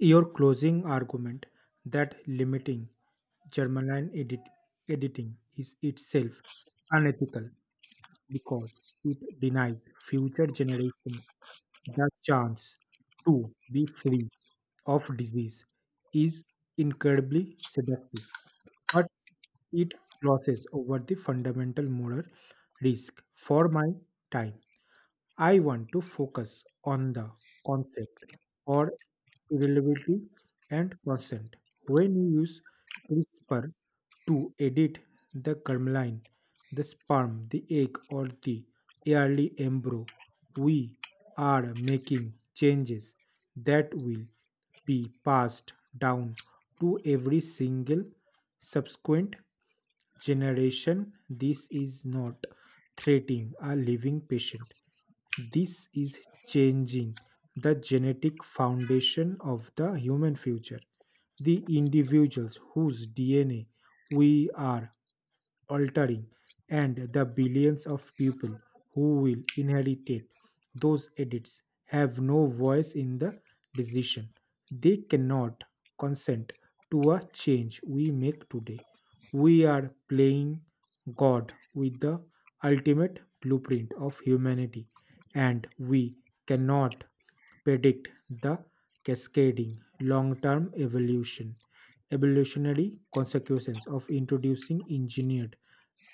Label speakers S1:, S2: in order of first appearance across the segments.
S1: Your closing argument that limiting germline editing is itself unethical because it denies future generations the chance to be free of disease is incredibly seductive, but it crosses over the fundamental moral risk for my time. I want to focus on the concept or reliability and consent. When you use CRISPR to edit the germline, the sperm, the egg, or the early embryo, we are making changes that will be passed down to every single subsequent generation. This is not threatening a living patient. This is changing the genetic foundation of the human future. The individuals whose DNA we are altering, and the billions of people who will inherit those edits have no voice in the decision. They cannot consent to a change we make today. We are playing God with the ultimate blueprint of humanity, and we cannot predict the cascading long term evolutionary consequences of introducing engineered,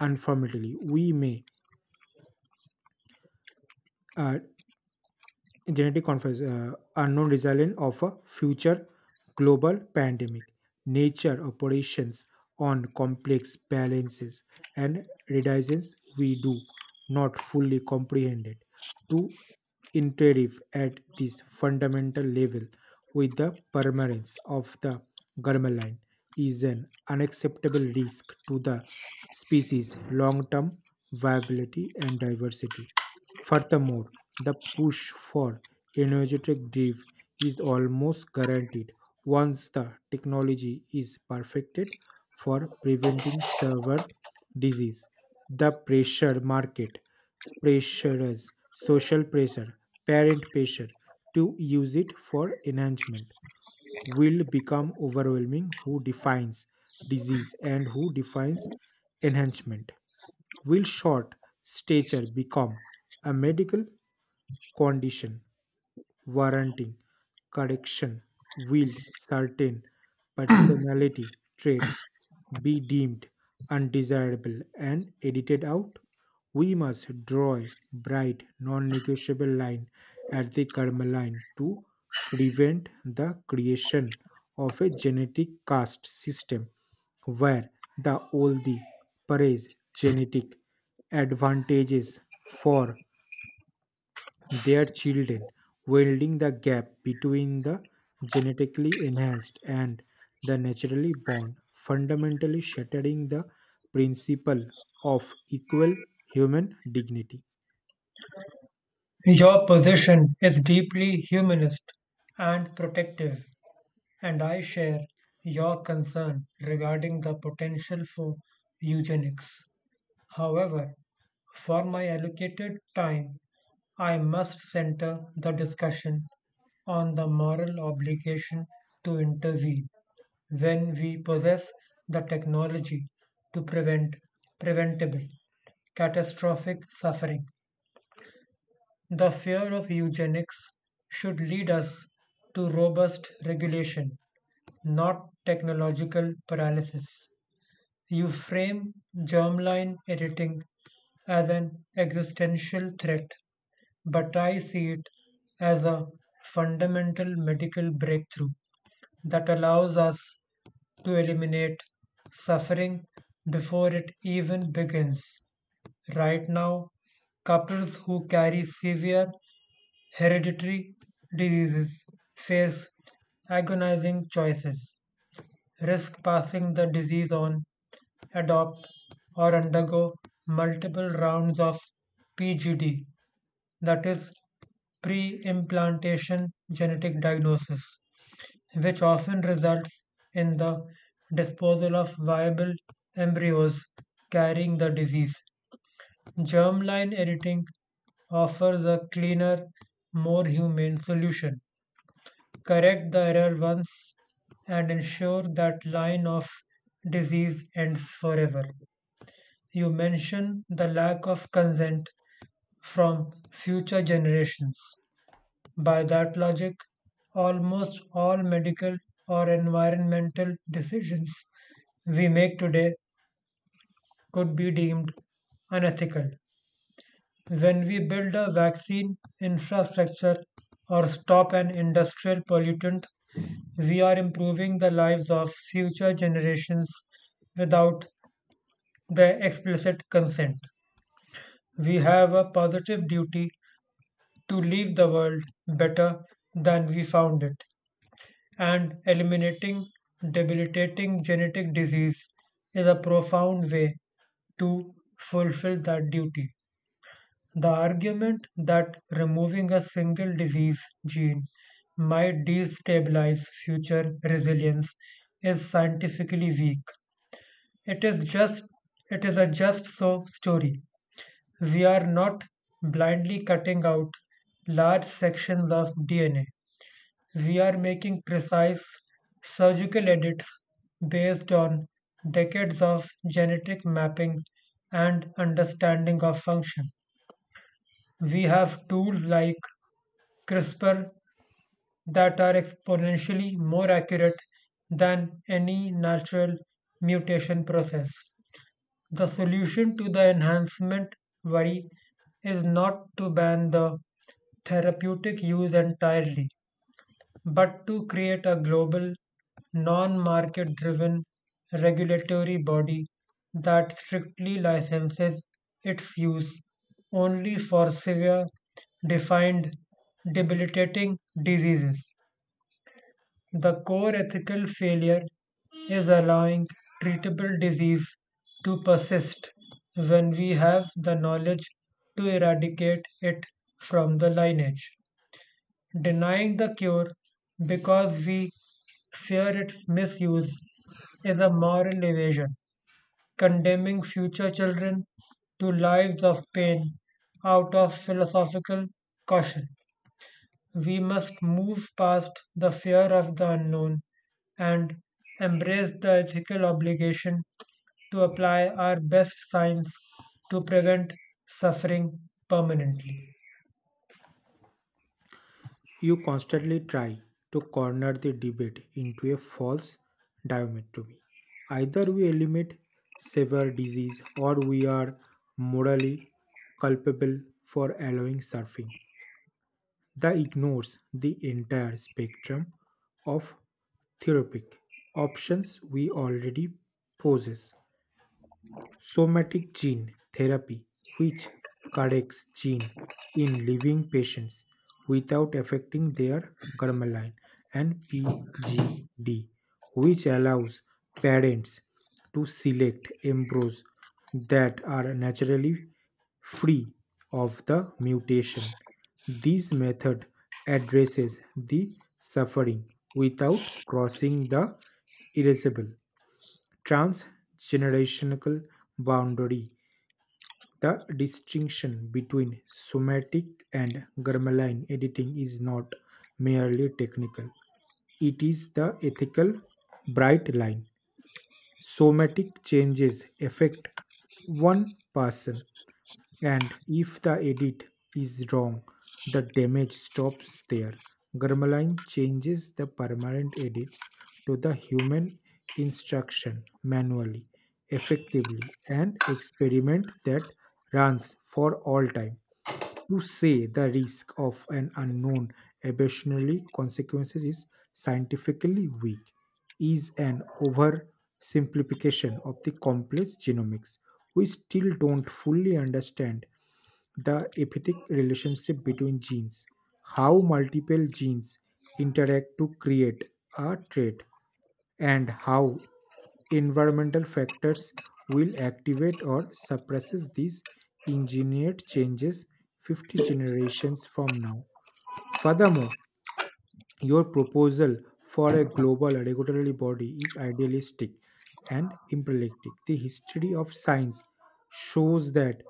S1: unfortunately we may, uh, genetic conference, unknown resilience of a future global pandemic, nature operations on complex balances and redundancies we do not fully comprehend it. To interfere at this fundamental level with the permanence of the german line is an unacceptable risk to the species long-term viability and diversity. Furthermore, the push for energetic drive is almost guaranteed once the technology is perfected for preventing server disease. The pressure market pressures, social pressure, parent pressure to use it for enhancement will become overwhelming. Who defines disease and who defines enhancement? Will short stature become a medical condition warranting correction? Will certain personality traits be deemed undesirable and edited out? We must draw a bright, non negotiable line at the karma line to prevent the creation of a genetic caste system where the praise genetic advantages for their children, welding the gap between the genetically enhanced and the naturally born, fundamentally shattering the principle of equal human dignity.
S2: Your position is deeply humanist and protective, and I share your concern regarding the potential for eugenics. However, for my allocated time, I must center the discussion on the moral obligation to intervene when we possess the technology to prevent preventable catastrophic suffering. The fear of eugenics should lead us to robust regulation, not technological paralysis. You frame germline editing as an existential threat, but I see it as a fundamental medical breakthrough that allows us to eliminate suffering before it even begins. Right now, couples who carry severe hereditary diseases face agonizing choices, risk passing the disease on, adopt, or undergo multiple rounds of PGD, that is, pre implantation genetic diagnosis, which often results in the disposal of viable embryos carrying the disease. Germline editing offers a cleaner, more humane solution. Correct the error once and ensure that line of disease ends forever. You mention the lack of consent from future generations. By that logic, almost all medical or environmental decisions we make today could be deemed unethical. When we build a vaccine infrastructure or stop an industrial pollutant, we are improving the lives of future generations without their explicit consent. We have a positive duty to leave the world better than we found it, and eliminating debilitating genetic disease is a profound way to fulfill that duty. The argument that removing a single disease gene might destabilize future resilience is scientifically weak. It is just it is a just so story. We are not blindly cutting out large sections of DNA. We are making precise surgical edits based on decades of genetic mapping and understanding of function. We have tools like CRISPR that are exponentially more accurate than any natural mutation process. The solution to the enhancement worry is not to ban the therapeutic use entirely, but to create a global, non market driven regulatory body that strictly licenses its use only for severe, defined, debilitating diseases. The core ethical failure is allowing treatable disease to persist when we have the knowledge to eradicate it from the lineage. Denying the cure because we fear its misuse is a moral evasion, condemning future children to lives of pain out of philosophical caution. We must move past the fear of the unknown and embrace the ethical obligation to apply our best science to prevent suffering permanently.
S1: You constantly try to corner the debate into a false dichotomy. Either we eliminate severe disease or we are morally culpable for allowing surfing. That ignores the entire spectrum of therapeutic options we already possess: somatic gene therapy, which corrects gene in living patients without affecting their germline, and PGD, which allows parents to select embryos that are naturally free of the mutation. This method addresses the suffering without crossing the irascible transgenerational boundary. The distinction between somatic and germline editing is not merely technical, it is the ethical bright line. Somatic changes affect one person, and if the edit is wrong, the damage stops there. Grammaline changes the permanent edits to the human instruction manually, effectively, and experiment that runs for all time. To say the risk of an unknown evolutionary consequences is scientifically weak is an oversimplification of the complex genomics. We still don't fully understand the epithic relationship between genes, how multiple genes interact to create a trait, and how environmental factors will activate or suppresses these engineered changes 50 generations from now. Furthermore, your proposal for a global regulatory body is idealistic and impractical. The history of science shows that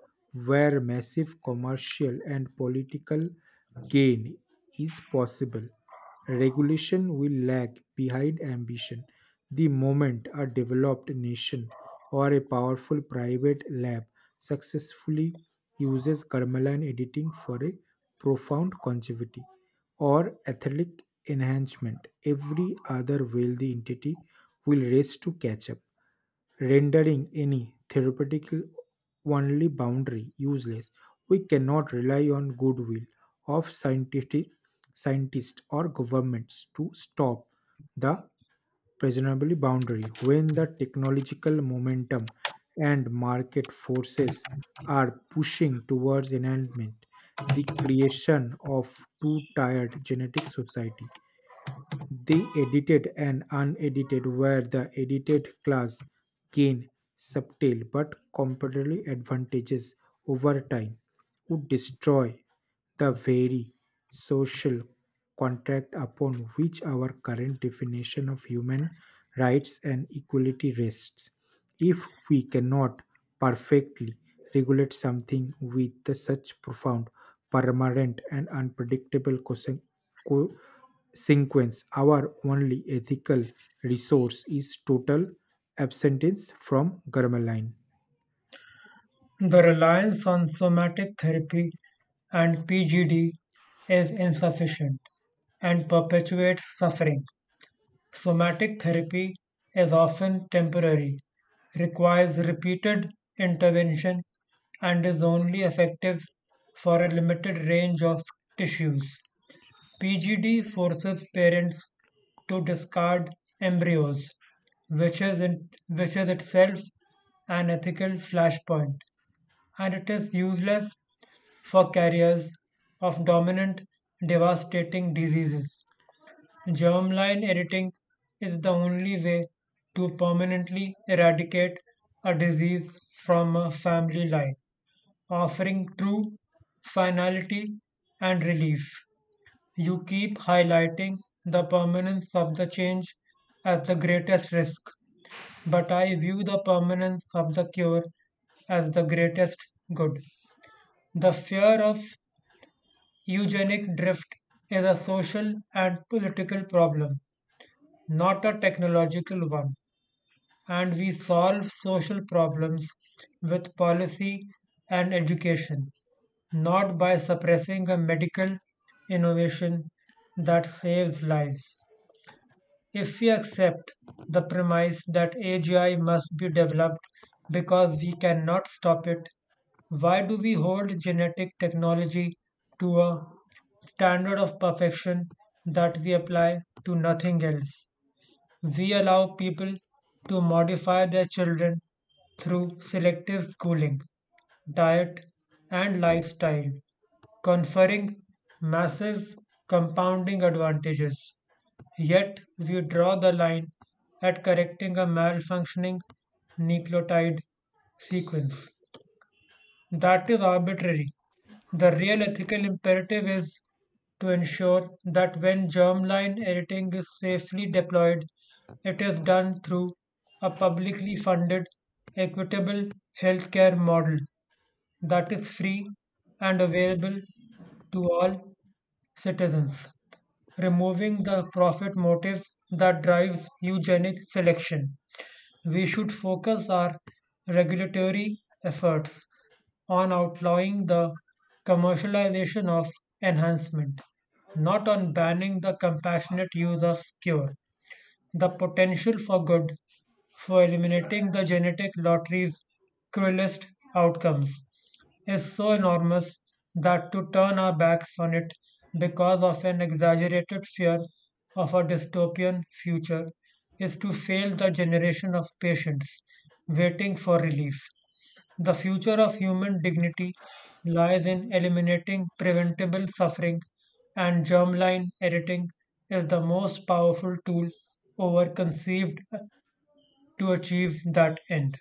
S1: where massive commercial and political gain is possible, regulation will lag behind ambition. The moment a developed nation or a powerful private lab successfully uses germline editing for a profound longevity, or athletic enhancement, every other wealthy entity will race to catch up, rendering any therapeutic only boundary useless. We cannot rely on goodwill of scientific scientists or governments to stop the presumably boundary when the technological momentum and market forces are pushing towards enhancement. The creation of two-tiered genetic society, the edited and unedited, where the edited class gain subtle but comparatively advantages over time would destroy the very social contract upon which our current definition of human rights and equality rests. If we cannot perfectly regulate something with the such profound, permanent, and unpredictable co- sequence, our only ethical resource is total abstinence from Garmaline.
S2: The reliance on somatic therapy and PGD is insufficient and perpetuates suffering. Somatic therapy is often temporary, requires repeated intervention, and is only effective for a limited range of tissues. PGD forces parents to discard embryos, which is itself an ethical flashpoint, and it is useless for carriers of dominant devastating diseases. Germline editing is the only way to permanently eradicate a disease from a family line, offering true finality and relief. You keep highlighting the permanence of the change as the greatest risk, but I view the permanence of the cure as the greatest good. The fear of eugenic drift is a social and political problem, not a technological one. And we solve social problems with policy and education, not by suppressing a medical innovation that saves lives. If we accept the premise that AGI must be developed because we cannot stop it, why do we hold genetic technology to a standard of perfection that we apply to nothing else? We allow people to modify their children through selective schooling, diet, and lifestyle, conferring massive compounding advantages. Yet, we draw the line at correcting a malfunctioning nucleotide sequence. That is arbitrary. The real ethical imperative is to ensure that when germline editing is safely deployed, it is done through a publicly funded, equitable healthcare model that is free and available to all citizens, removing the profit motive that drives eugenic selection. We should focus our regulatory efforts on outlawing the commercialization of enhancement, not on banning the compassionate use of cure. The potential for good, for eliminating the genetic lottery's cruelest outcomes, is so enormous that to turn our backs on it because of an exaggerated fear of a dystopian future is to fail the generation of patients waiting for relief. The future of human dignity lies in eliminating preventable suffering, and germline editing is the most powerful tool over conceived to achieve that end.